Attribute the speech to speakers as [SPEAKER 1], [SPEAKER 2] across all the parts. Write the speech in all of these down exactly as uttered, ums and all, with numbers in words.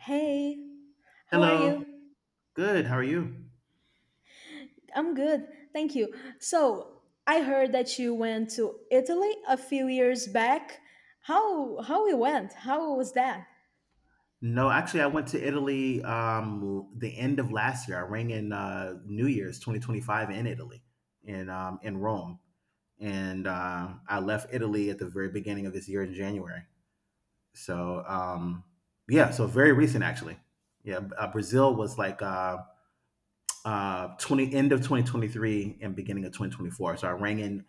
[SPEAKER 1] Hey, how are
[SPEAKER 2] Hello.
[SPEAKER 1] you?
[SPEAKER 2] Good. How are you?
[SPEAKER 1] I'm good, thank you. So, I heard that you went to Italy a few years back. How how it went? How was that?
[SPEAKER 2] No, actually, I went to Italy um, the end of last year. I rang in uh, New Year's twenty twenty-five in Italy, in um, in Rome, and uh, I left Italy at the very beginning of this year in January. So um, yeah, so very recent actually. Yeah, uh, Brazil was like uh, uh, 20 end of twenty twenty-three and beginning of twenty twenty-four. So I rang in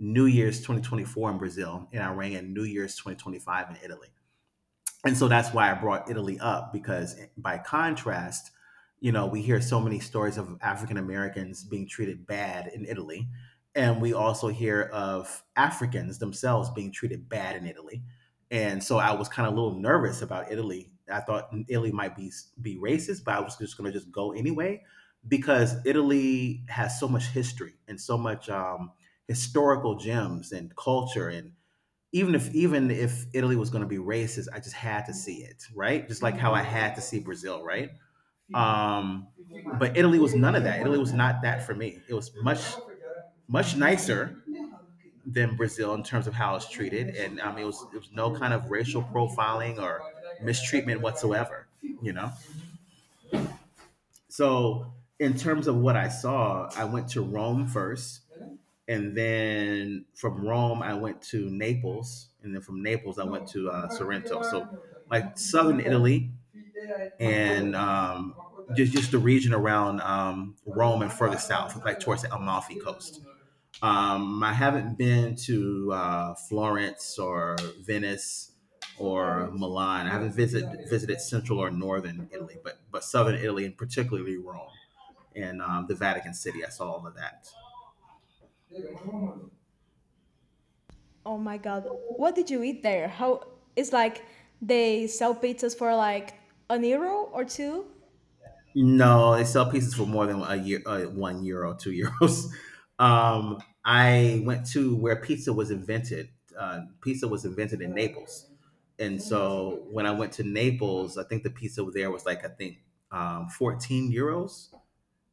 [SPEAKER 2] New Year's twenty twenty-four in Brazil, and I rang in New Year's twenty twenty-five in Italy. And so that's why I brought Italy up because by contrast, you know, we hear so many stories of African Americans being treated bad in Italy, and we also hear of Africans themselves being treated bad in Italy. And so I was kind of a little nervous about Italy. I thought Italy might be be racist, but I was just going to just go anyway because Italy has so much history and so much um, historical gems and culture, and even if even if Italy was going to be racist, I just had to see it, right? Just like how I had to see Brazil, right? Um, but Italy was none of that. Italy was not that for me. It was much much nicer than Brazil in terms of how it's treated, and I mean, it was it was no kind of racial profiling or mistreatment whatsoever, you know. So in terms of what I saw, I went to Rome first, and then from Rome I went to Naples, and then from Naples I went to uh, Sorrento. So like southern Italy and um, just just the region around um, Rome and further south, like towards the Amalfi coast. Um, I haven't been to uh, Florence or Venice or Milan. I haven't visited visited central or northern Italy, but but southern Italy and particularly Rome and um, the Vatican City. I saw all of that.
[SPEAKER 1] Oh my god, what did you eat there? How it's like they sell pizzas for like an euro or two?
[SPEAKER 2] No, they sell pizzas for more than a year, uh, one euro, two euros. Um, I went to where pizza was invented. Uh, pizza was invented in Naples, and so when I went to Naples, I think the pizza there was like I think um, fourteen euros,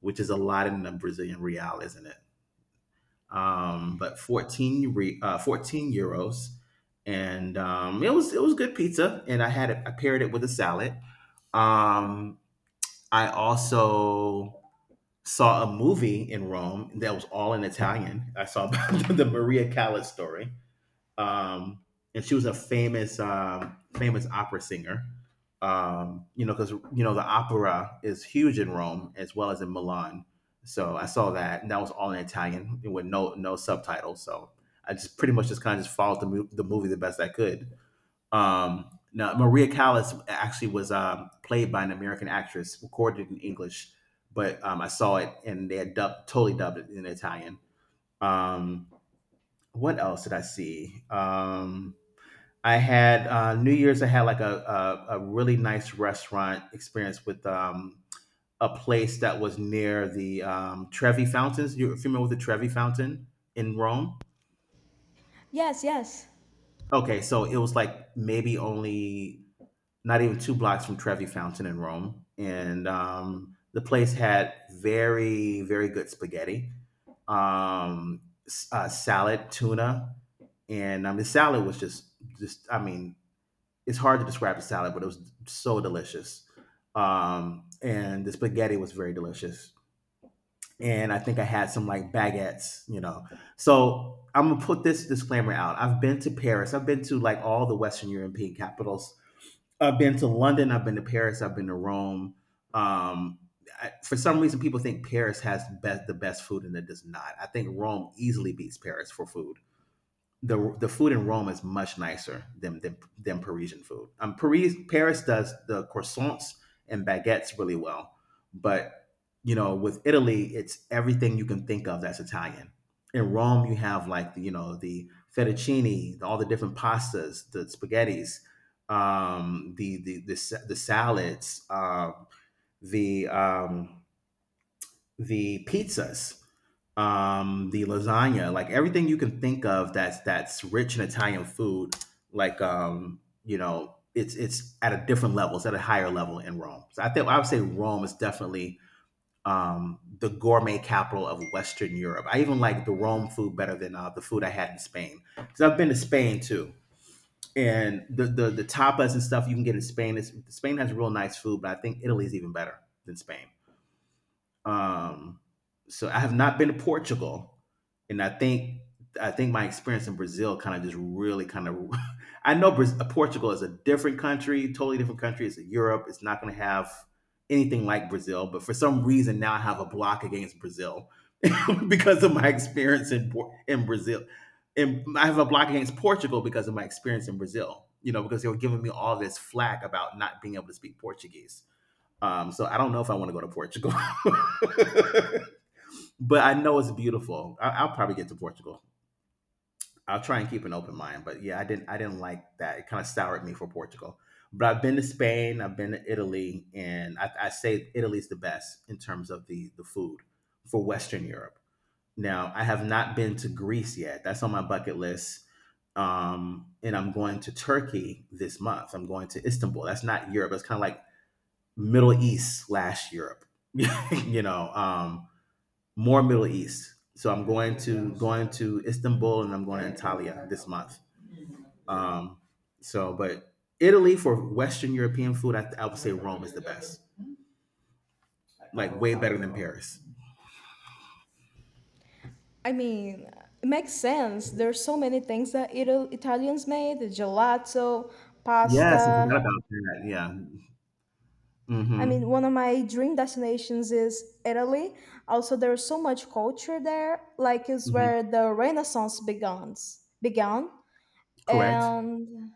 [SPEAKER 2] which is a lot in the Brazilian real, isn't it? Um, but fourteen re, uh, fourteen euros, and um, it was it was good pizza, and I had it. I paired it with a salad. Um, I also saw a movie in Rome that was all in Italian. I saw the Maria Callas story, um, and she was a famous um, famous opera singer. Um, you know, because you know the opera is huge in Rome as well as in Milan. So I saw that, and that was all in Italian with no no subtitles. So I just pretty much just kind of just followed the, mo- the movie the best I could. Um, now, Maria Callas actually was um, played by an American actress, recorded in English, but um, I saw it and they had dubbed, totally dubbed it in Italian. Um, what else did I see? Um, I had uh, New Year's. I had like a, a a really nice restaurant experience with um, a place that was near the um, Trevi Fountains. You're familiar with the Trevi Fountain in Rome?
[SPEAKER 1] Yes, yes.
[SPEAKER 2] Okay, so it was like maybe only not even two blocks from Trevi Fountain in Rome, and um, the place had very very good spaghetti, um, uh, salad, tuna, and um, the salad was just just I mean, it's hard to describe the salad, but it was so delicious, um, and the spaghetti was very delicious, and I think I had some like baguettes, you know, so I'm gonna put this disclaimer out. I've been to Paris. I've been to like all the Western European capitals. I've been to London. I've been to Paris. I've been to Rome. Um, I, for some reason, people think Paris has best, the best food, and it does not. I think Rome easily beats Paris for food. The the food in Rome is much nicer than than, than Parisian food. Um, Paris Paris does the croissants and baguettes really well, but you know with Italy, it's everything you can think of that's Italian. In Rome, you have like the, you know the fettuccine, all the different pastas, the spaghettis, um, the, the the sa- the salads, uh, the um, the pizzas, um, the lasagna, like everything you can think of that's that's rich in Italian food, like um, you know, it's it's at a different level, it's at a higher level in Rome. So I think I would say Rome is definitely um, the gourmet capital of Western Europe. I even like the Rome food better than uh, the food I had in Spain because I've been to Spain too. And the, the the tapas and stuff you can get in Spain is Spain has real nice food, but I think Italy's even better than Spain. Um, so I have not been to Portugal, and I think I think my experience in Brazil kind of just really kind of I know Braz- Portugal is a different country, totally different country. It's in Europe. It's not going to have anything like Brazil, but for some reason now I have a block against Brazil because of my experience in in Brazil. And I have a block against Portugal because of my experience in Brazil. You know, because they were giving me all this flack about not being able to speak Portuguese um, so I don't know if I want to go to Portugal, but I know it's beautiful. I- I'll probably get to Portugal. I'll try and keep an open mind, but yeah, I didn't. I didn't like that. It kind of soured me for Portugal. But I've been to Spain. I've been to Italy, and I, I say Italy's the best in terms of the the food for Western Europe. Now I have not been to Greece yet. That's on my bucket list. Um, and I'm going to Turkey this month. I'm going to Istanbul. That's not Europe. It's kind of like Middle East slash Europe. you know, um, More Middle East. So I'm going to going to Istanbul and I'm going to Antalya this month. Um, so, but Italy for Western European food, I, I would say Rome is the best. Like way better than Paris.
[SPEAKER 1] I mean, it makes sense. There's so many things that Ital- Italians made: the gelato,
[SPEAKER 2] Yes, I
[SPEAKER 1] pasta.
[SPEAKER 2] forgot about that. Yeah.
[SPEAKER 1] I mean,
[SPEAKER 2] Mm-hmm.
[SPEAKER 1] one of my dream destinations is Italy. Also, there's so much culture there. Like, it's
[SPEAKER 2] Hmm.
[SPEAKER 1] where the Renaissance begins, began.
[SPEAKER 2] Correct.
[SPEAKER 1] And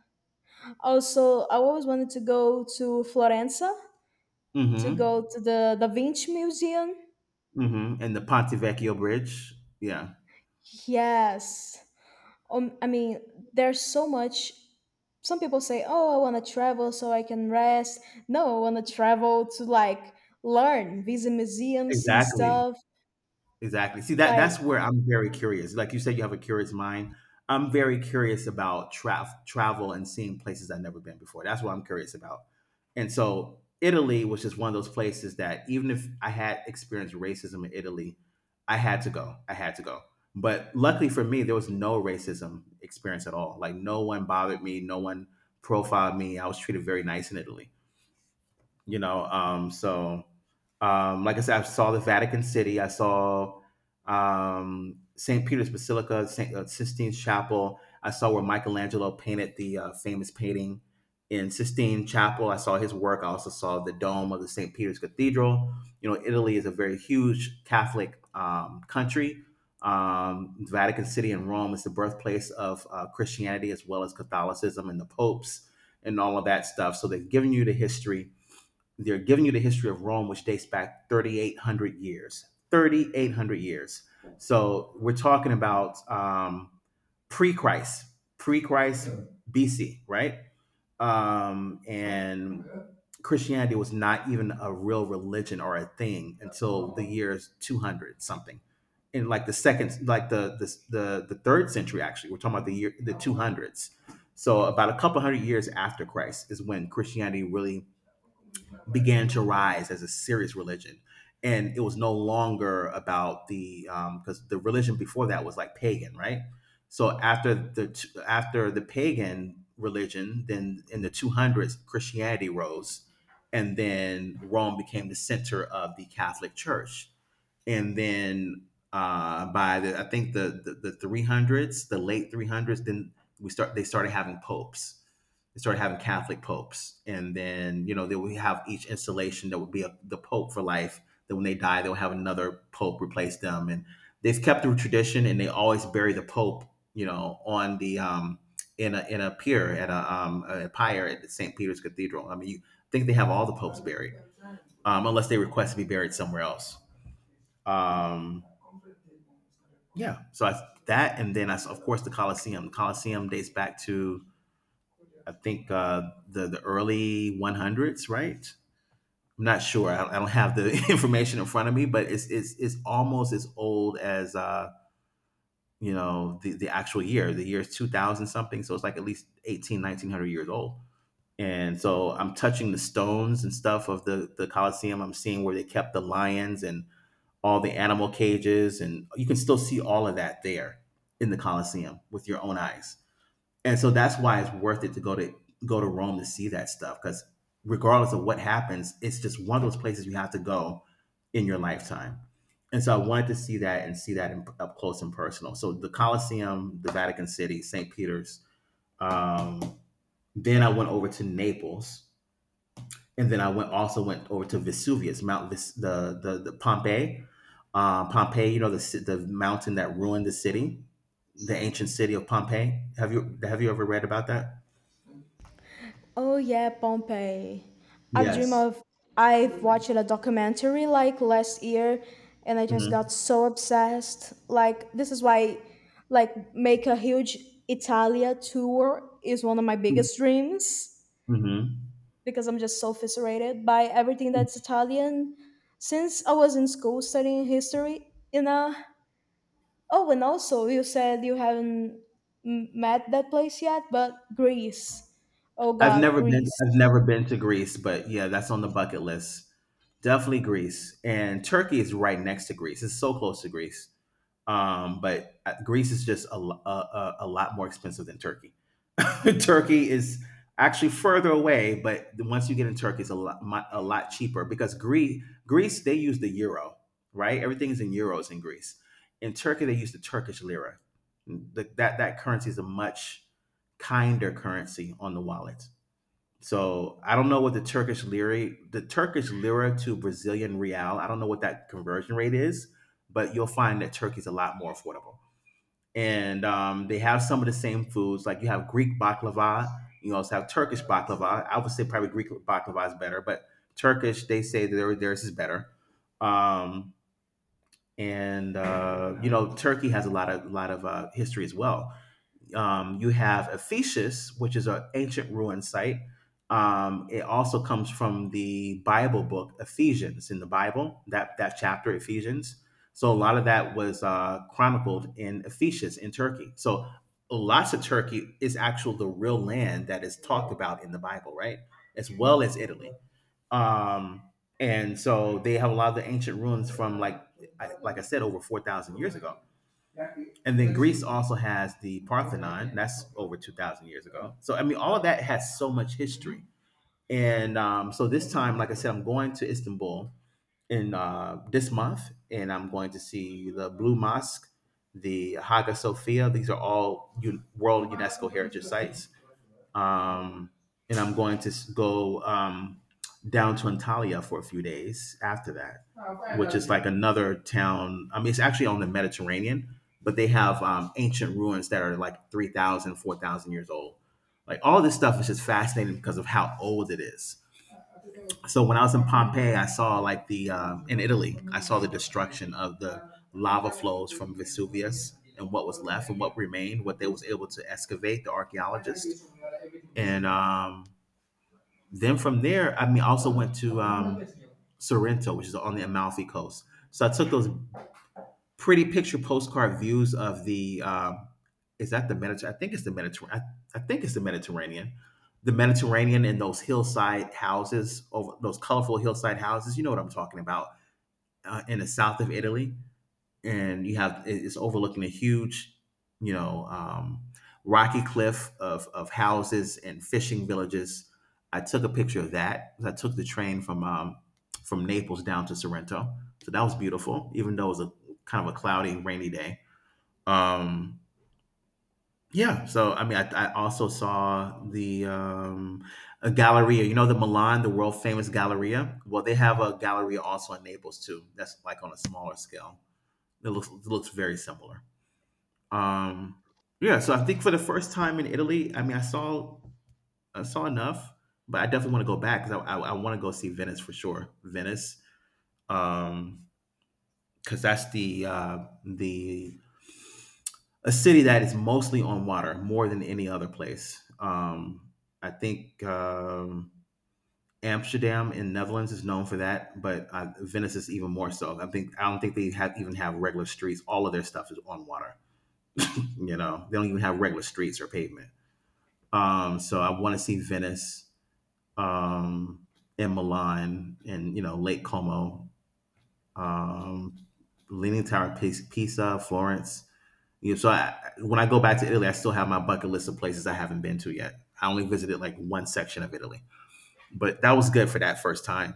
[SPEAKER 1] also, I always wanted to go to Florence, to
[SPEAKER 2] Mm-hmm.
[SPEAKER 1] go to the Da Vinci Museum.
[SPEAKER 2] Mm-hmm. And the Ponte Vecchio Bridge. Yeah.
[SPEAKER 1] Yes. Um, I mean, there's so much. Some people say, "Oh, I want to travel so I can rest." No, I want to travel to like learn, visit museums, see
[SPEAKER 2] Exactly.
[SPEAKER 1] stuff.
[SPEAKER 2] Exactly. See that
[SPEAKER 1] Like
[SPEAKER 2] that's where I'm very curious. Like you said, you have a curious mind. I'm very curious about tra- travel and seeing places I've never been before. That's what I'm curious about. And so Italy was just one of those places that even if I had experienced racism in Italy, I had to go. I had to go. But luckily for me, there was no racism experience at all. Like no one bothered me, no one profiled me. I was treated very nice in Italy, you know um so um like I said, I saw the Vatican City. I saw um St. Peter's Basilica, st uh, Sistine Chapel. I saw where Michelangelo painted the uh, famous painting in Sistine Chapel. I saw his work. I also saw the dome of the St. Peter's Cathedral. You know Italy is a very huge Catholic um, country. um, Vatican City and Rome is the birthplace of uh, Christianity as well as Catholicism and the popes and all of that stuff. So they've given you the history they're giving you the history of Rome, which dates back three thousand eight hundred years. three thousand eight hundred years. So we're talking about um, pre Christ, pre Christ B C, right? Um, and Christianity was not even a real religion or a thing until the years two hundred something. In like the second, like the the the, the third century, actually, we're talking about the year the two hundreds. So about a couple hundred years after Christ is when Christianity really began to rise as a serious religion. And it was no longer about the um, because the religion before that was like pagan, right? So after the after the pagan religion, then in the two hundreds Christianity rose, and then Rome became the center of the Catholic Church. And then uh, by the I think the, the the three hundreds, the late three hundreds, then we start they started having popes. They started having Catholic popes, and then you know they would have each installation that would be a, the pope for life. Then when they die, they'll have another pope replace them, and they've kept the tradition, and they always bury the pope, you know, on the um, in a in a pier at a um a pyre at Saint Peter's Cathedral. I mean, you think they have all the popes buried, um, unless they request to be buried somewhere else. Um, yeah, so I, that, and then I, of course the Colosseum. The Colosseum dates back to, I think, uh, the the early one hundreds, right? I'm not sure. I, I don't have the information in front of me, but it's it's it's almost as old as uh, you know the the actual year. The year is two thousand something, so it's like at least eighteen, nineteen hundred years old. And so I'm touching the stones and stuff of the the Colosseum. I'm seeing where they kept the lions and all the animal cages, and you can still see all of that there in the Colosseum with your own eyes, and so that's why it's worth it to go to go to Rome to see that stuff, because regardless of what happens, it's just one of those places you have to go in your lifetime. And so I wanted to see that and see that, in, up close and personal. So the Colosseum, the Vatican City, Saint Peter's. Um, then I went over to Naples, and then I went also went over to Vesuvius, Mount Ves- the the the Pompeii, uh, Pompeii. You know the the mountain that ruined the city, the ancient city of Pompeii. Have you have you ever read about that?
[SPEAKER 1] Oh yeah, Pompeii. I've dream
[SPEAKER 2] Yes.
[SPEAKER 1] of I've watched a documentary like last year and I just
[SPEAKER 2] Mhm.
[SPEAKER 1] got so obsessed. Like this is why like make a huge Italia tour is one of my
[SPEAKER 2] Mm,
[SPEAKER 1] biggest dreams
[SPEAKER 2] mhm.
[SPEAKER 1] because I'm just so fascinated by everything
[SPEAKER 2] Mm.
[SPEAKER 1] that's Italian since I was in school studying history, you know. Oh, and also you said you haven't m- met that place yet, but Greece. Oh
[SPEAKER 2] I've
[SPEAKER 1] god,
[SPEAKER 2] never been
[SPEAKER 1] Greece.
[SPEAKER 2] I've never been to Greece, but yeah, that's on the bucket list. Definitely Greece. And Turkey is right next to Greece. It's so close to Greece. Um, but uh, Greece is just a, lo- a, a a lot more expensive than Turkey. Turkey is actually further away, but once you get in Turkey, it's a lot mi- a lot cheaper, because Greece Greece, they use the euro, right? Everything is in euros in Greece. In Turkey, they use the Turkish lira. The, that that currency is a much kinder currency on the wallet. So I don't know what the Turkish lira, the Turkish lira to Brazilian real, I don't know what that conversion rate is, but you'll find that Turkey's a lot more affordable. And um, they have some of the same foods, like you have Greek baklava, you also have Turkish baklava. I would say probably Greek baklava is better, but Turkish, they say their, theirs is better. Um, and uh, you know, Turkey has a lot of lot of uh, history as well. Um, you have Ephesus, which is an ancient ruin site. Um, it also comes from the Bible book Ephesians in the Bible, that that chapter Ephesians. So a lot of that was uh, chronicled in Ephesus in Turkey. So lots of Turkey is actually the real land that is talked about in the Bible, right? As well as Italy. Um, and so they have a lot of the ancient ruins from, like, I- like I said, over four thousand years ago. And then Greece also has the Parthenon. That's over two thousand years ago. So, I mean, all of that has so much history. And um, so this time, like I said, I'm going to Istanbul in uh, this month, and I'm going to see the Blue Mosque, the Hagia Sophia. These are all U- World UNESCO Heritage Sites, um, and I'm going to s- go um, down to Antalya for a few days after that, which is like another town. I mean, it's actually on the Mediterranean, but they have um, ancient ruins that are like three thousand, four thousand years old. Like, all this stuff is just fascinating because of how old it is. So when I was in Pompeii, I saw, like, the um, in Italy, I saw the destruction of the lava flows from Vesuvius and what was left and what remained, what they was able to excavate, the archaeologists, and um, then from there, I mean, I also went to um, Sorrento, which is on the Amalfi coast. So I took those pretty picture postcard views of the um, is that the Mediterranean? I think it's the Mediterranean. I, I think it's the Mediterranean. The Mediterranean, and those hillside houses, over those colorful hillside houses. You know what I'm talking about, uh, in the south of Italy. And you have, it's overlooking a huge, you know, um, rocky cliff of of houses and fishing villages. I took a picture of that. I took the train from um, from Naples down to Sorrento, so that was beautiful, even though it was a kind of a cloudy, rainy day. Um, yeah, so I mean, I, I also saw the um, a Galleria. You know, the Milan, the world famous Galleria. Well, they have a Galleria also in Naples too. That's like on a smaller scale. It looks it looks very similar. Um, yeah, so I think for the first time in Italy, I mean, I saw I saw enough, but I definitely want to go back because I, I, I want to go see Venice for sure. Venice, um because that's the uh, the a city that is mostly on water more than any other place. Um, I think um, Amsterdam in Netherlands is known for that, but uh, Venice is even more so. I think I don't think they have even have regular streets. All of their stuff is on water. You know, they don't even have regular streets or pavement. Um, so I want to see Venice, um, and Milan, and, you know, Lake Como, um, Leaning Tower of Pisa, Florence. You know, so I, when I go back to Italy, I still have my bucket list of places I haven't been to yet. I only visited like one section of Italy, but that was good for that first time.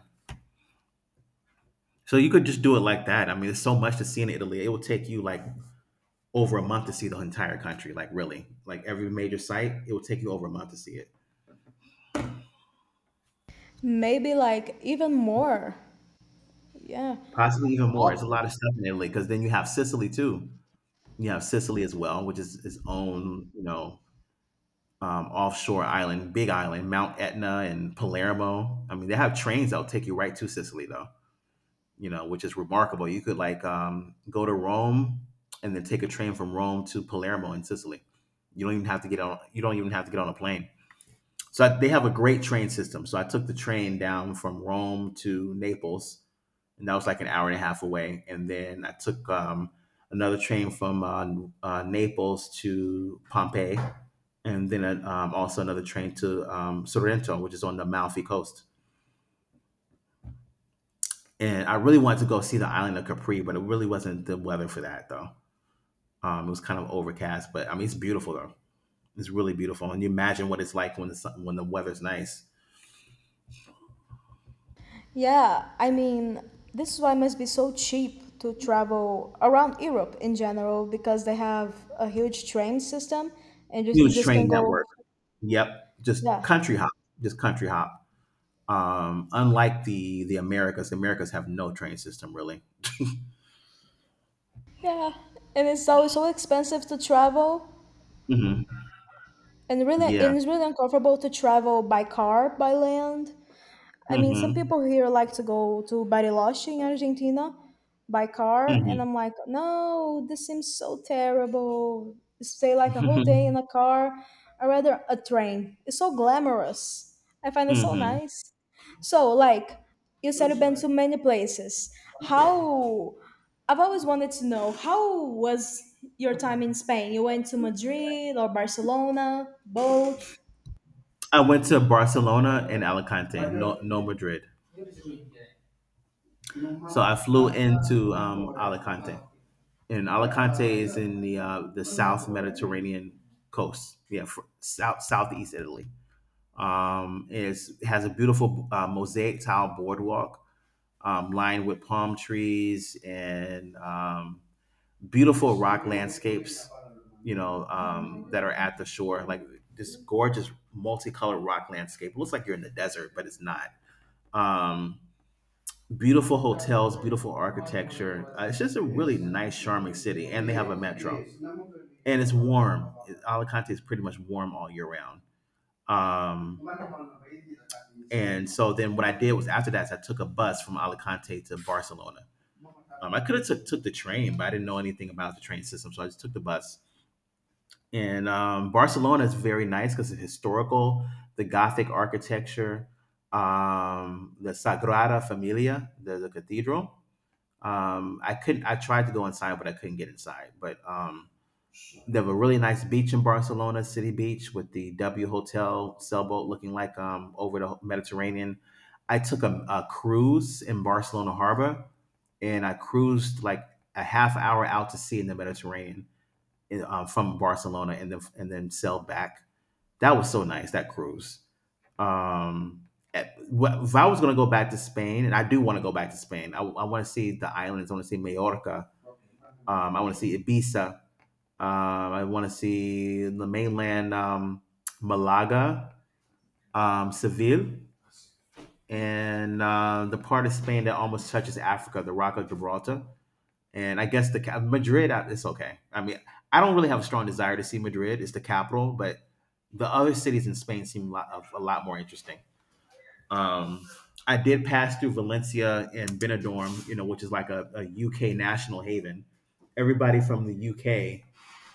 [SPEAKER 2] So you could just do it like that. I mean, there's so much to see in Italy. It will take you like over a month to see the entire country, like, really. Like, every major site, it will take you over a month to see it.
[SPEAKER 1] Maybe like even more. Yeah.
[SPEAKER 2] Possibly even more.
[SPEAKER 1] Oh,
[SPEAKER 2] It's a lot of stuff in Italy, because then you have Sicily too. You have Sicily as well, which is its own, you know, um, offshore island, big island, Mount Etna and Palermo. I mean, they have trains that'll take you right to Sicily though, you know, which is remarkable. You could, like, um, go to Rome and then take a train from Rome to Palermo in Sicily. You don't even have to get on. You don't even have to get on a plane. So, I, they have a great train system. So I took the train down from Rome to Naples, and that was like an hour and a half away. And then I took um, another train from uh, uh, Naples to Pompeii, and then uh, um, also another train to um, Sorrento, which is on the Malfi coast. And I really wanted to go see the island of Capri, but it really wasn't the weather for that though. Um, it was kind of overcast, but I mean, it's beautiful though. It's really beautiful, and you imagine what it's like when the sun, when the weather's nice.
[SPEAKER 1] yeah. I mean, this is why it must be so cheap to travel around Europe in general because they have a huge train system and just you
[SPEAKER 2] Huge
[SPEAKER 1] just can
[SPEAKER 2] train
[SPEAKER 1] go.
[SPEAKER 2] network. Yep, just
[SPEAKER 1] Yeah.
[SPEAKER 2] country hop, just country hop. Um, unlike the the Americas, the Americas have no train system really.
[SPEAKER 1] Yeah. And it's always so expensive to travel
[SPEAKER 2] Hmm.
[SPEAKER 1] and really
[SPEAKER 2] Yeah.
[SPEAKER 1] and it's really uncomfortable to travel by car, by land. I mean, some
[SPEAKER 2] Hmm.
[SPEAKER 1] people here like to go to Bariloche in Argentina by car, and
[SPEAKER 2] Hmm.
[SPEAKER 1] I'm like, no, this seems so terrible. Stay like a whole day in a car, or rather a train. It's so glamorous. I find it so
[SPEAKER 2] Hmm.
[SPEAKER 1] nice. So, like, you said you've been to many places. How? I've always wanted to know how was your time in Spain? You went to Madrid or Barcelona, both?
[SPEAKER 2] I went to Barcelona and Alicante, no, no, Madrid. So I flew into um, Alicante, and Alicante is in the uh, the South Mediterranean coast. Yeah, fr- south southeast Italy. Um, is Has a beautiful uh, mosaic tile boardwalk, um, lined with palm trees and um, beautiful rock landscapes, you know, um, that are at the shore, like this gorgeous multicolored rock landscape. It looks like you're in the desert, but it's not. Um, Beautiful hotels, beautiful architecture. Uh, it's just a really nice, charming city, and they have a metro. And it's warm. It- Alicante is pretty much warm all year round. Um, and so then what I did was, after that, I took a bus from Alicante to Barcelona. Um, I could have took, took the train, but I didn't know anything about the train system, so I just took the bus. And um, Barcelona is very nice because it's historical, the Gothic architecture, um, the Sagrada Familia, the, the cathedral. Um, I couldn't. I tried to go inside, but I couldn't get inside. But um, they have a really nice beach in Barcelona, City Beach, with the W Hotel sailboat looking like um, over the Mediterranean. I took a, a cruise in Barcelona Harbor, and I cruised like a half hour out to sea in the Mediterranean, in, um, from Barcelona, and then and then sailed back. That was so nice, that cruise. Um, eh, wh- if I was going to go back to Spain, and I do want to go back to Spain, I, I want to see the islands. I want to see Mallorca. Um, I want to see Ibiza. um, I want to see the mainland, um, Malaga, um, Seville, and uh, the part of Spain that almost touches Africa, the Rock of Gibraltar. And I guess the ca- Madrid, uh, it's okay. I mean, I don't really have a strong desire to see Madrid. It's the capital, but the other cities in Spain seem a lot, of- a lot more interesting. Um, I did pass through Valencia and Benidorm, you know, which is like a, a U K national haven. Everybody from the U K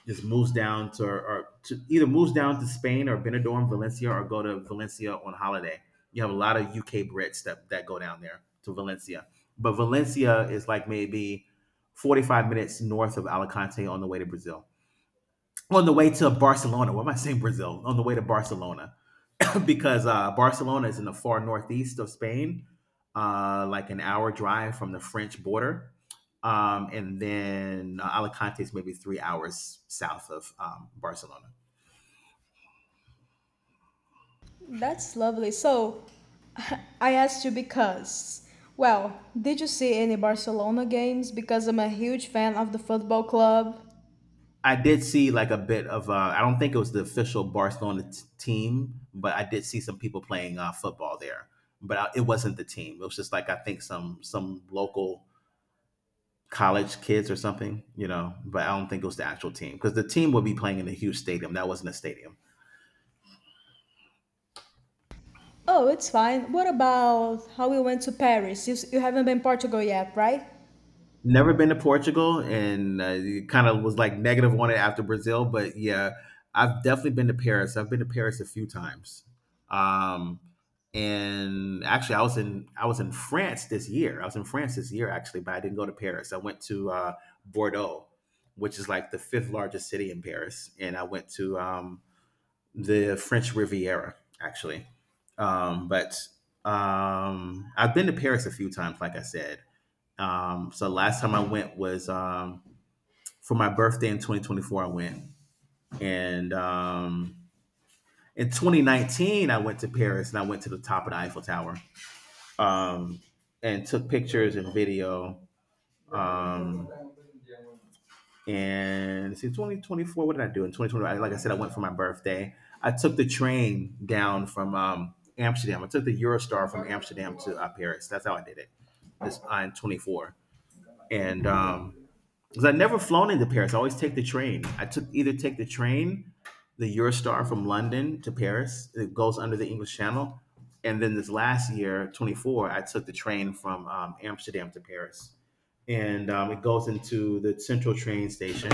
[SPEAKER 2] just moves down to or, or to either moves down to Spain or Benidorm, Valencia, or go to Valencia on holiday. You have a lot of U K Brits that that go down there to Valencia, but Valencia is like maybe forty five minutes north of Alicante on the way to Brazil. On the way to Barcelona, what am I saying? Brazil on the way to Barcelona. Because uh, Barcelona is in the far northeast of Spain, uh, like an hour drive from the French border. Um, and then uh, Alicante is maybe three hours south of um, Barcelona.
[SPEAKER 1] That's lovely. So, I asked you because, well, did you see any Barcelona games? Because I'm a huge fan of the football club.
[SPEAKER 2] I did see like a bit of, uh, I don't think it was the official Barcelona t- team, but I did see some people playing uh, football there. But I, it wasn't the team. It was just like, I think some some local college kids or something, you know, but I don't think it was the actual team because the team would be playing in a huge stadium. That wasn't a stadium.
[SPEAKER 1] Oh, it's fine. What about how we went to Paris? You, s- you haven't been Portugal yet, right?
[SPEAKER 2] Never been to Portugal and uh, it kind of was like negative on it after Brazil, but yeah, I've definitely been to Paris. I've been to Paris a few times. Um, and actually I was in I was in France this year. I was in France this year actually, but I didn't go to Paris. I went to uh, Bordeaux, which is like the fifth largest city in Paris, and I went to um, the French Riviera, actually. Um, but um, I've been to Paris a few times, like I said. Um, so last time I went was um, for my birthday in twenty twenty-four. I went, and um, in twenty nineteen I went to Paris and I went to the top of the Eiffel Tower um, and took pictures and video. Um, and see twenty twenty-four, what did I do in two thousand twenty? Like I said, I went for my birthday. I took the train down from um, Amsterdam. I took the Eurostar from Amsterdam to uh, Paris. That's how I did it this on twenty-four. And um because I've never flown into Paris, I always take the train. I took either take the train, the Eurostar from London to Paris. It goes under the English Channel. And then this last year twenty-four, I took the train from um, Amsterdam to Paris. And um, it goes into the central train station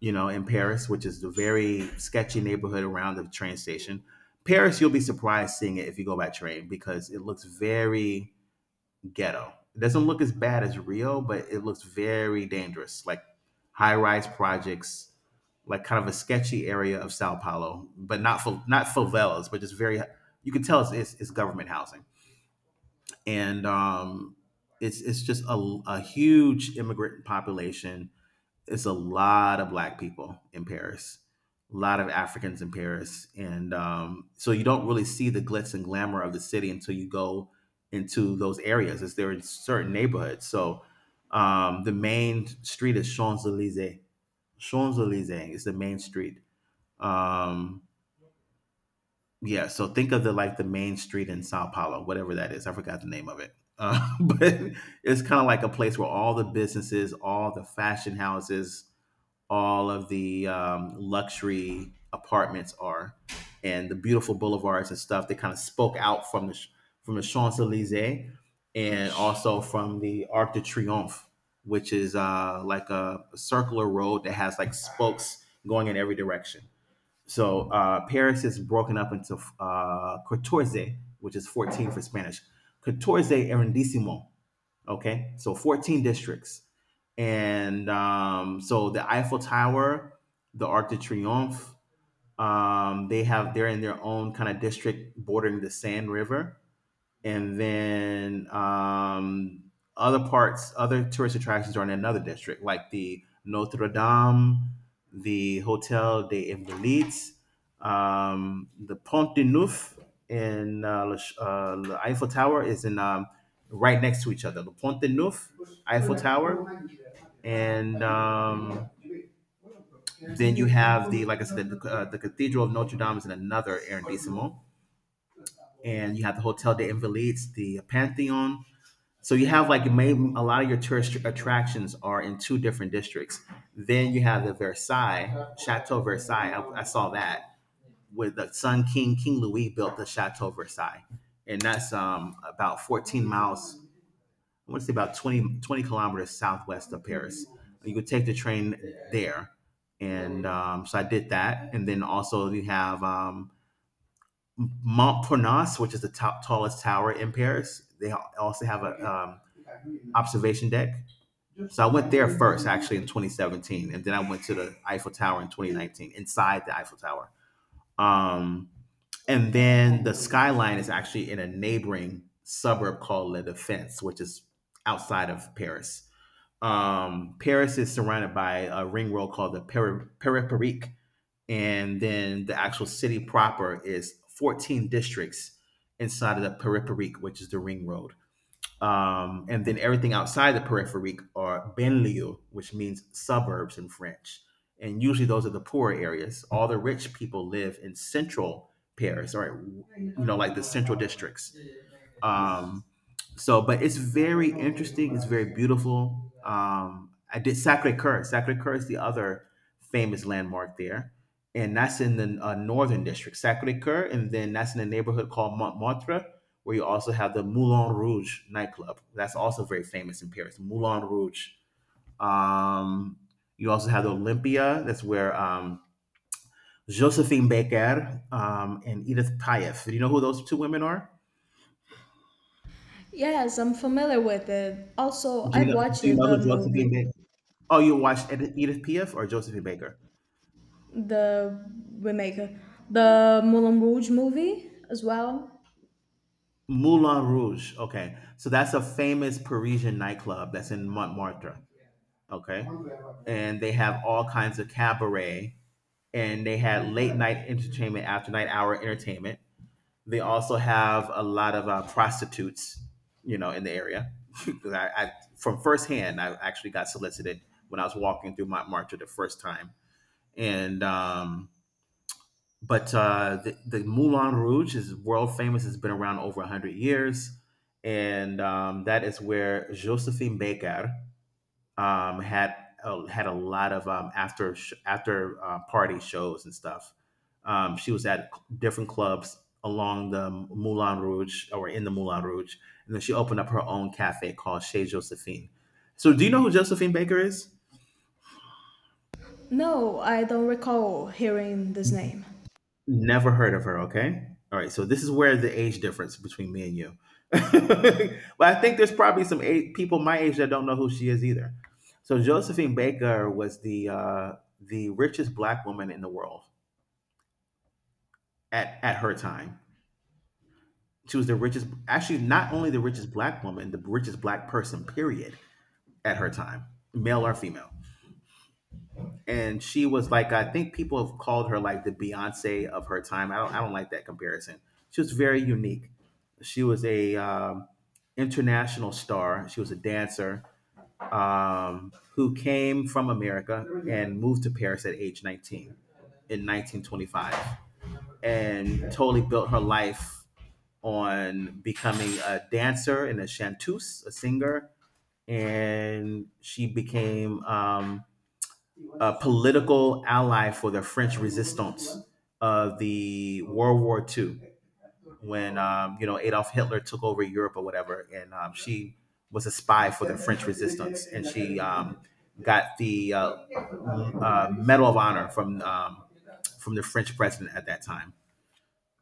[SPEAKER 2] you know, in Paris, which is the very sketchy neighborhood around the train station. Paris, you'll be surprised seeing it if you go by train because it looks very ghetto. It doesn't look as bad as Rio, but it looks very dangerous, like high rise projects, like kind of a sketchy area of Sao Paulo, but not fa- not favelas, but just very. You can tell it's, it's, it's government housing, and um, it's it's just a, a huge immigrant population. It's a lot of black people in Paris, a lot of Africans in Paris, and um, so you don't really see the glitz and glamour of the city until you go into those areas. It's there in certain neighborhoods. So um, the main street is Champs Elysees. Champs Elysees is the main street. Um, yeah, so think of the like the main street in Sao Paulo, whatever that is. I forgot the name of it. Uh, but it's kind of like a place where all the businesses, all the fashion houses, all of the um, luxury apartments are and the beautiful boulevards and stuff. They kind of spoke out from the from the Champs Elysees and also from the Arc de Triomphe, which is uh, like a a circular road that has like spokes going in every direction. So uh, Paris is broken up into uh, fourteen, which is fourteen for Spanish, fourteen arrondissement. Okay, so fourteen districts. And um, so the Eiffel Tower, the Arc de Triomphe, um, they have they're in their own kind of district bordering the Seine River. And then um, other parts, other tourist attractions are in another district, like the Notre Dame, the Hotel des Invalides, um, the Pont de Neuf, and uh, Le Ch- uh, the Eiffel Tower is in um, right next to each other. The Pont de Neuf, Eiffel Tower, and um, then you have the, like I said, the, uh, the Cathedral of Notre Dame is in another arrondissement, and you have the Hotel des Invalides, the Pantheon, so you have like main, a lot of your tourist attractions are in two different districts. Then you have the Versailles, Chateau Versailles. I, I saw that with the Sun King, King Louis built the Chateau Versailles. And that's um, about fourteen miles, I want to say about twenty twenty kilometers southwest of Paris. You could take the train there. And um, so I did that. And then also you have um, Montparnasse, which is the top tallest tower in Paris. They also have a um, observation deck. So I went there first, actually, in twenty seventeen, and then I went to the Eiffel Tower in twenty nineteen, inside the Eiffel Tower. Um, and then the skyline is actually in a neighboring suburb called La Défense, which is outside of Paris. Um, Paris is surrounded by a ring road called the Peri- Périphérique, and then the actual city proper is fourteen districts inside of the periphery, which is the ring road. Um, and then everything outside the periphery are banlieues, which means suburbs in French. And usually those are the poorer areas. All the rich people live in central Paris, or you know, like the central districts. Um, so, but it's very interesting. It's very beautiful. Um, I did Sacre Coeur. Sacre Coeur is the other famous landmark there, and that's in the uh, northern district, Sacre Coeur, and then that's in a neighborhood called Montmartre, where you also have the Moulin Rouge nightclub. That's also very famous in Paris, Moulin Rouge. Um, you also have the Olympia. That's where um, Josephine Baker um, and Edith Piaf. Do you know who those two women are?
[SPEAKER 1] Yes, I'm familiar with it. Also,
[SPEAKER 2] Do you
[SPEAKER 1] I've
[SPEAKER 2] know,
[SPEAKER 1] watched
[SPEAKER 2] do you know
[SPEAKER 1] the
[SPEAKER 2] who
[SPEAKER 1] movie,
[SPEAKER 2] Josephine... Oh, you watched Edith, Edith Piaf or Josephine Baker?
[SPEAKER 1] the remake, the Moulin Rouge movie as well.
[SPEAKER 2] Moulin Rouge. Okay, so that's a famous Parisian nightclub that's in Montmartre. Okay, and they have all kinds of cabaret, and they had late night entertainment, after night hour entertainment. They also have a lot of uh, prostitutes, you know, in the area. 'Cause I, I, from firsthand, I actually got solicited when I was walking through Montmartre the first time, and um, but uh, the, the Moulin Rouge is world famous. It's been around over a hundred years. And um, that is where Josephine Baker um, had uh, had a lot of um, after sh- after uh, party shows and stuff. Um, she was at different clubs along the Moulin Rouge or in the Moulin Rouge. And then she opened up her own cafe called Chez Josephine. So, do you know who Josephine Baker is?
[SPEAKER 1] No, I don't recall hearing this name.
[SPEAKER 2] Never heard of her. Okay. All right. So this is where the age difference between me and you. But I think there's probably some age, people my age that don't know who she is either. So Josephine Baker was the uh, the richest black woman in the world at at her time. She was the richest, actually not only the richest black woman, the richest black person. Period. At her time, male or female. And she was like I think people have called her like the Beyonce of her time. I don't I don't like that comparison. She was very unique. She was a um, international star. She was a dancer um, who came from America and moved to Paris at age nineteen in nineteen twenty-five and totally built her life on becoming a dancer and a chanteuse, a singer. And she became um, a political ally for the French resistance of the World War Two, when um, you know Adolf Hitler took over Europe or whatever, and um, she was a spy for the French resistance, and she um, got the uh, uh, Medal of Honor from um, from the French president at that time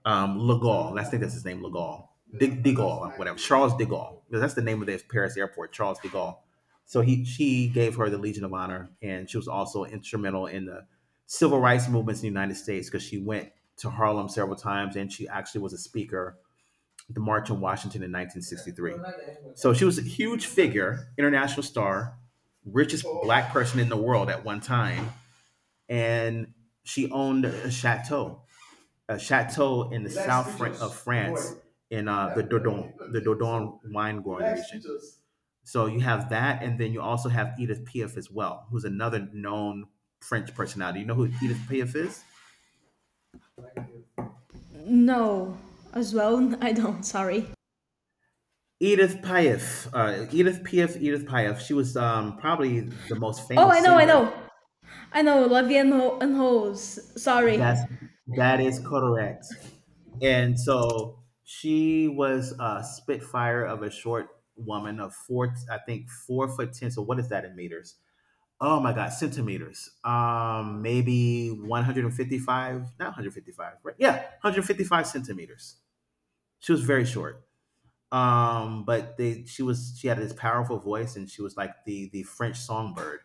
[SPEAKER 2] um, Legall. I think that's his name, Legall. Dig, de Gaulle, whatever. Charles de Gaulle. That's the name of the Paris airport, Charles de Gaulle. So he, she gave her the Legion of Honor, and she was also instrumental in the civil rights movements in the United States because she went to Harlem several times, and she actually was a speaker at the March on Washington in nineteen sixty-three. So she was a huge figure, international star, richest black person in the world at one time, and she owned a chateau a chateau in the south Fran- of France in uh, the Dordogne, the Dordogne wine growing region. So you have that, and then you also have Edith Piaf as well, who's another known French personality. You know who Edith Piaf is?
[SPEAKER 1] No, as well, I don't, sorry.
[SPEAKER 2] Edith Piaf, uh, Edith Piaf, Edith Piaf. She was um, probably the most
[SPEAKER 1] Oh, I
[SPEAKER 2] famous
[SPEAKER 1] know, I
[SPEAKER 2] singer.
[SPEAKER 1] know. I know, Levy and, Ho- and Hose. Sorry.
[SPEAKER 2] That's that is correct. And so she was a spitfire of a short woman of four, I think four foot ten. So what is that in meters? Oh my God, centimeters. Um, maybe one hundred fifty-five, not one hundred fifty-five, right? Yeah, one hundred fifty-five centimeters. She was very short. Um, but they, she was, she had this powerful voice, and she was like the the French songbird.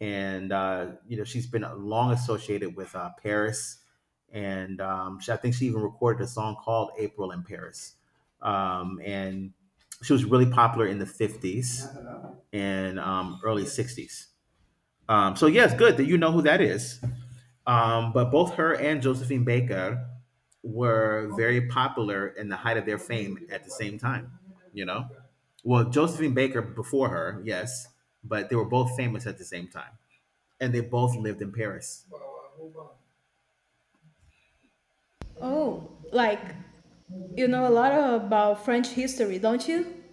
[SPEAKER 2] And uh, you know, she's been long associated with uh, Paris, and um, she, I think she even recorded a song called "April in Paris." Um, and she was really popular in the fifties and um, early sixties. Um, so yes, good that you know who that is. Um, but both her and Josephine Baker were very popular in the height of their fame at the same time. You know, well Josephine Baker before her, yes, but they were both famous at the same time, and they both lived in Paris.
[SPEAKER 1] Oh, like, you know a lot about French history, don't you?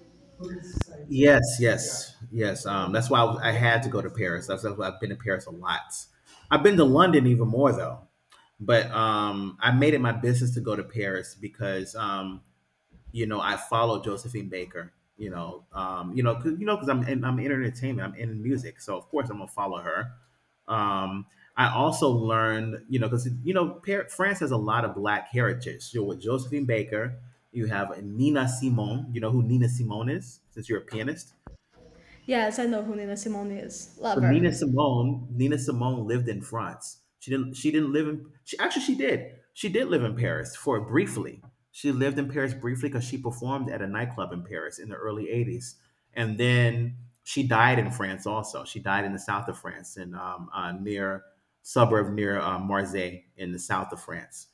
[SPEAKER 2] Yes, yes, yes. Um, that's why I, was- I had to go to Paris. That's, that's why I've been to Paris a lot. I've been to London even more though, but um, I made it my business to go to Paris because um, you know, I follow Josephine Baker. You know, um, you know, cause, you know, because I'm in, I'm in entertainment, I'm in music, so of course I'm gonna follow her. Um, I also learned, you know, because you know, Par- France has a lot of black heritage. So with Josephine Baker, you have Nina Simone. You know who Nina Simone is, since you're a pianist.
[SPEAKER 1] Yes, I know who Nina Simone is.
[SPEAKER 2] So
[SPEAKER 1] Love
[SPEAKER 2] Nina
[SPEAKER 1] her.
[SPEAKER 2] Simone, Nina Simone lived in France. She didn't. She didn't live in. She actually she did. She did live in Paris for briefly. She lived in Paris briefly because she performed at a nightclub in Paris in the early eighties, and then she died in France. Also, she died in the south of France in um, uh, near suburb near uh, Marseille in the south of France.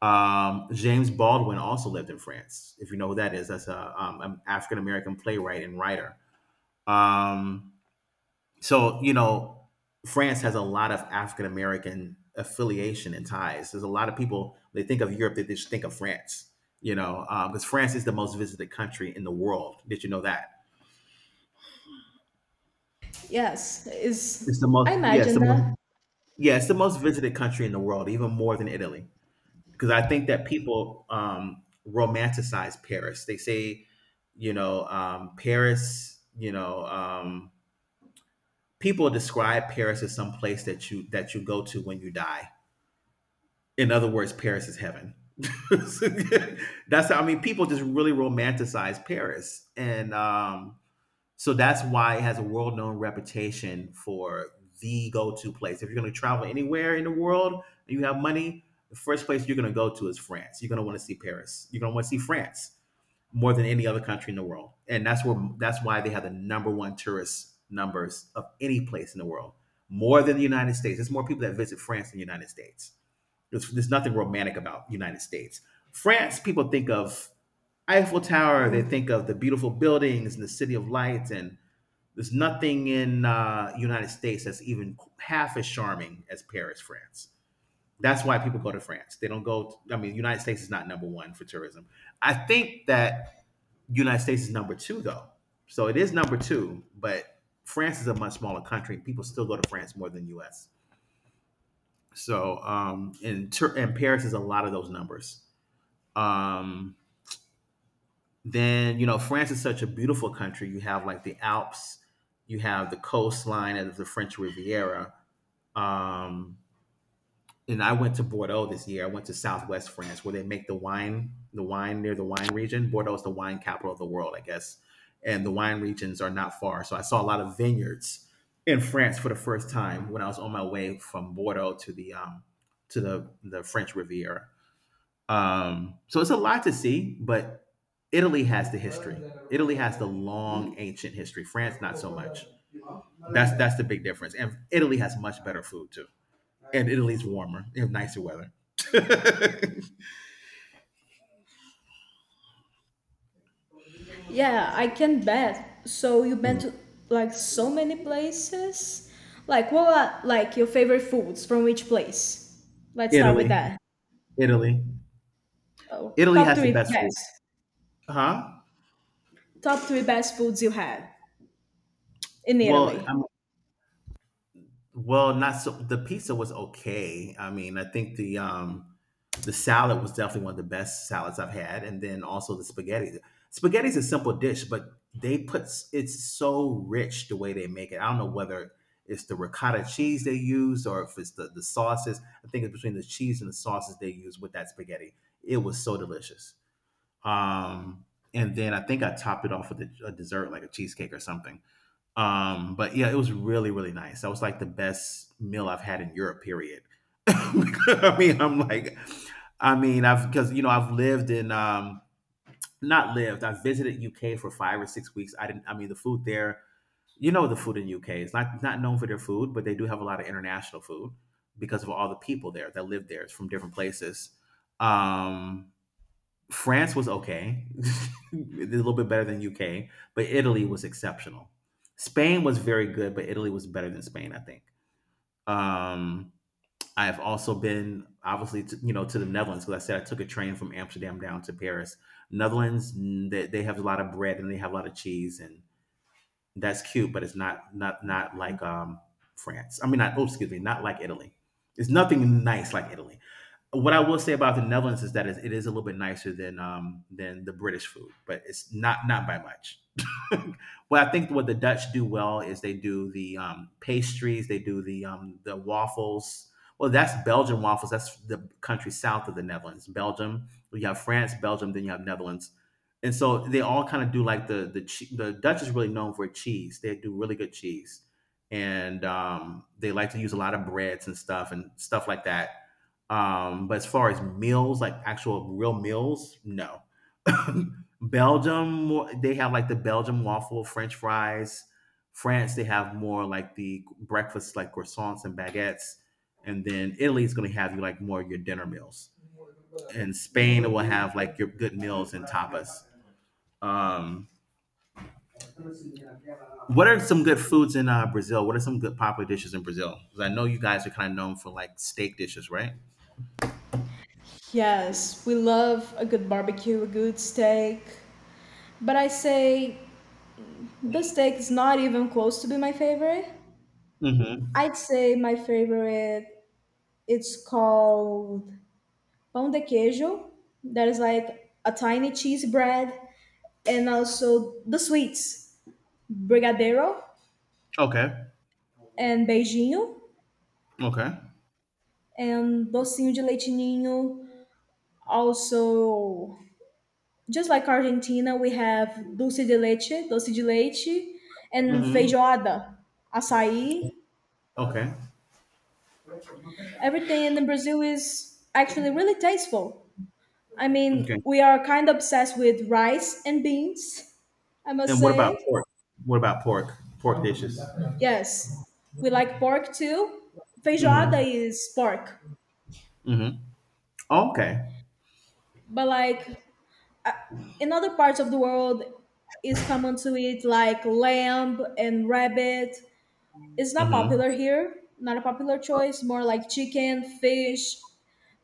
[SPEAKER 2] Um, James Baldwin also lived in France. If you know who that is, that's a um, an African American playwright and writer. Um, so, you know, France has a lot of African American affiliation and ties. There's a lot of people, they think of Europe, they just think of France, you know, because um, France is the most visited country in the world. Did you know that?
[SPEAKER 1] Yes, is.
[SPEAKER 2] It's the
[SPEAKER 1] I
[SPEAKER 2] most, yeah, it's
[SPEAKER 1] imagine
[SPEAKER 2] the most,
[SPEAKER 1] that.
[SPEAKER 2] yeah, it's the most visited country in the world, even more than Italy. Because I think that people um, romanticize Paris. They say, you know, um, Paris, you know, um, people describe Paris as some place that you that you go to when you die in other words, Paris is heaven. That's how I mean people just really romanticize Paris. And um, so that's why it has a world known reputation for the go to place. If you're gonna travel anywhere in the world and you have money, the first place you're gonna go to is France. You're gonna want to see Paris. You're gonna want to see France more than any other country in the world. And that's where that's why they have the number one tourist numbers of any place in the world. More than the United States. There's more people that visit France than the United States. There's, there's nothing romantic about United States. France, people think of Eiffel Tower. They think of the beautiful buildings and the City of Lights. And there's nothing in uh, United States that's even half as charming as Paris, France. That's why people go to France. They don't go. To, I mean, United States is not number one for tourism. I think that United States is number two though. So it is number two, but France is a much smaller country. People still go to France more than U S. So um, and, and Paris is a lot of those numbers. Um, then you know France is such a beautiful country. You have like the Alps, you have the coastline of the French Riviera. Um, and I went to Bordeaux this year. I went to Southwest France where they make the wine, the wine near the wine region. Bordeaux is the wine capital of the world, I guess, and the wine regions are not far. So I saw a lot of vineyards in France for the first time when I was on my way from Bordeaux to the um, to the the French Riviera. Um, so it's a lot to see, but Italy has the history. Italy has the long ancient history. France, not so much. That's that's the big difference. And Italy has much better food too. And Italy's warmer. They have nicer weather.
[SPEAKER 1] Yeah, I can bet. So you been to, like, so many places? Like, what are, like, your favorite foods from each place? Let's start with
[SPEAKER 2] Italy,
[SPEAKER 1] that.
[SPEAKER 2] Italy,
[SPEAKER 1] Oh,
[SPEAKER 2] Italy
[SPEAKER 1] top
[SPEAKER 2] has the
[SPEAKER 1] three
[SPEAKER 2] best food.
[SPEAKER 1] best.
[SPEAKER 2] Huh?
[SPEAKER 1] Top three best foods you had in
[SPEAKER 2] Well,
[SPEAKER 1] Italy.
[SPEAKER 2] I'm Well, not so. The pizza was okay. I mean, I think the um, the salad was definitely one of the best salads I've had, and then also the spaghetti. Spaghetti's a simple dish, but they put s- it's so rich the way they make it. I don't know whether it's the ricotta cheese they use or if it's the the sauces. I think it's between the cheese and the sauces they use with that spaghetti. It was so delicious. Um, and then I think I topped it off with a, a dessert like a cheesecake or something. Um, but yeah, it was really, really nice. That was like the best meal I've had in Europe, period. I mean, I'm like, I mean, I've because you know I've lived in um not lived. I visited U K for five or six weeks. I didn't. I mean, the food there. You know, the food in U K is not not known for their food, but they do have a lot of international food because of all the people there that live there. It's from different places. Um, France was okay, a little bit better than U K, but Italy was exceptional. Spain was very good, but Italy was better than Spain, I think. Um, I have also been obviously to, you know to the Netherlands because I said I took a train from Amsterdam down to Paris. Netherlands mm, they, they have a lot of bread and they have a lot of cheese and that's cute, but it's not not not like um, France. I mean, not oh, excuse me, not like Italy. It's nothing nice like Italy. What I will say about the Netherlands is that it is a little bit nicer than um, than the British food, but it's not not by much. Well, I think what the Dutch do well is they do the um, pastries, they do the um, the waffles. Well, that's Belgian waffles. That's the country south of the Netherlands. Belgium, you have France, Belgium, then you have Netherlands, and so they all kind of do like the the che- the Dutch is really known for cheese. They do really good cheese, and um, they like to use a lot of breads and stuff and stuff like that um, but as far as meals, like actual real meals, no. Belgium, they have like the Belgium waffle, French fries. France, they have more like the breakfast, like croissants and baguettes. And then Italy is going to have you like more of your dinner meals. And Spain will have like your good meals and tapas. Um, what are some good foods in uh, Brazil? What are some good popular dishes in Brazil? Because I know you guys are kind of known for like steak dishes, right?
[SPEAKER 1] Yes, we love a good barbecue, a good steak. But I say the steak is not even close to be my favorite.
[SPEAKER 2] Mm-hmm.
[SPEAKER 1] I'd say my favorite it's called pão de queijo. That is like a tiny cheese bread, and also the sweets, brigadeiro
[SPEAKER 2] Okay.
[SPEAKER 1] and beijinho
[SPEAKER 2] Okay.
[SPEAKER 1] and docinho de leite ninho. Also, just like Argentina, we have dulce de leche, dulce de leite, and
[SPEAKER 2] Mm-hmm.
[SPEAKER 1] feijoada, açaí.
[SPEAKER 2] Okay.
[SPEAKER 1] Everything in Brazil is actually really tasteful. I mean,
[SPEAKER 2] Okay.
[SPEAKER 1] we are kind of obsessed with rice and beans, I must
[SPEAKER 2] And what about
[SPEAKER 1] say.
[SPEAKER 2] pork? What about pork? Pork dishes.
[SPEAKER 1] Yes, we like pork too. Feijoada
[SPEAKER 2] Mm-hmm.
[SPEAKER 1] is pork,
[SPEAKER 2] Mm-hmm. Oh, Okay.
[SPEAKER 1] but like in other parts of the world, it's common to eat like lamb and rabbit. It's not
[SPEAKER 2] Mm-hmm.
[SPEAKER 1] popular here, not a popular choice, more like chicken, fish,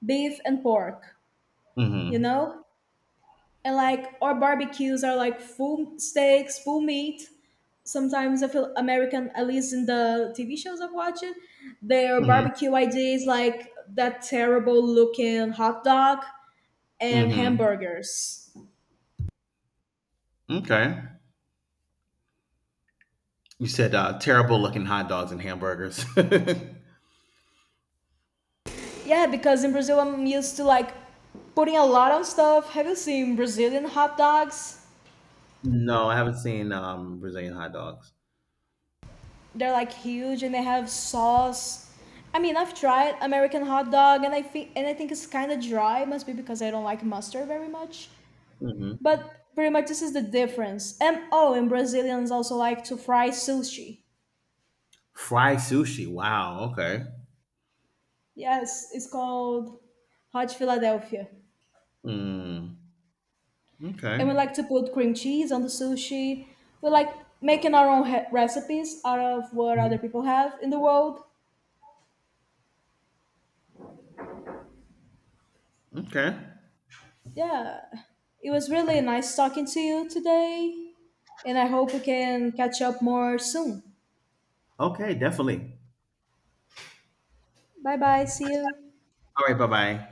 [SPEAKER 1] beef, and pork, you
[SPEAKER 2] Mm-hmm.
[SPEAKER 1] know? And like our barbecues are like full steaks, full meat. Sometimes I feel American, at least in the T V shows I'm watching, their
[SPEAKER 2] Mm-hmm.
[SPEAKER 1] barbecue ideas like that terrible looking hot dog and
[SPEAKER 2] Mm-hmm.
[SPEAKER 1] hamburgers.
[SPEAKER 2] Okay. You said uh, terrible looking hot dogs and hamburgers.
[SPEAKER 1] Yeah, because in Brazil I'm used to like putting a lot on stuff. Have you seen Brazilian hot dogs?
[SPEAKER 2] No, I haven't seen um, Brazilian hot dogs.
[SPEAKER 1] They're like huge and they have sauce. I mean, I've tried American hot dog and I think and I think it's kind of dry. Must be because I don't like mustard very much.
[SPEAKER 2] Mm-hmm.
[SPEAKER 1] But pretty much this is the difference. And oh, and Brazilians also like to fry sushi.
[SPEAKER 2] Fry sushi. Wow. Okay.
[SPEAKER 1] Yes, it's called hot Philadelphia.
[SPEAKER 2] Mm.
[SPEAKER 1] And we
[SPEAKER 2] Okay.
[SPEAKER 1] like to put cream cheese on the sushi. We like making our own he- recipes out of what
[SPEAKER 2] Mhm.
[SPEAKER 1] other people have in the world.
[SPEAKER 2] Okay.
[SPEAKER 1] Yeah. It was really nice talking to you today. And I hope we can catch up more soon.
[SPEAKER 2] Okay. Definitely.
[SPEAKER 1] Bye bye. See you.
[SPEAKER 2] All right. Bye bye.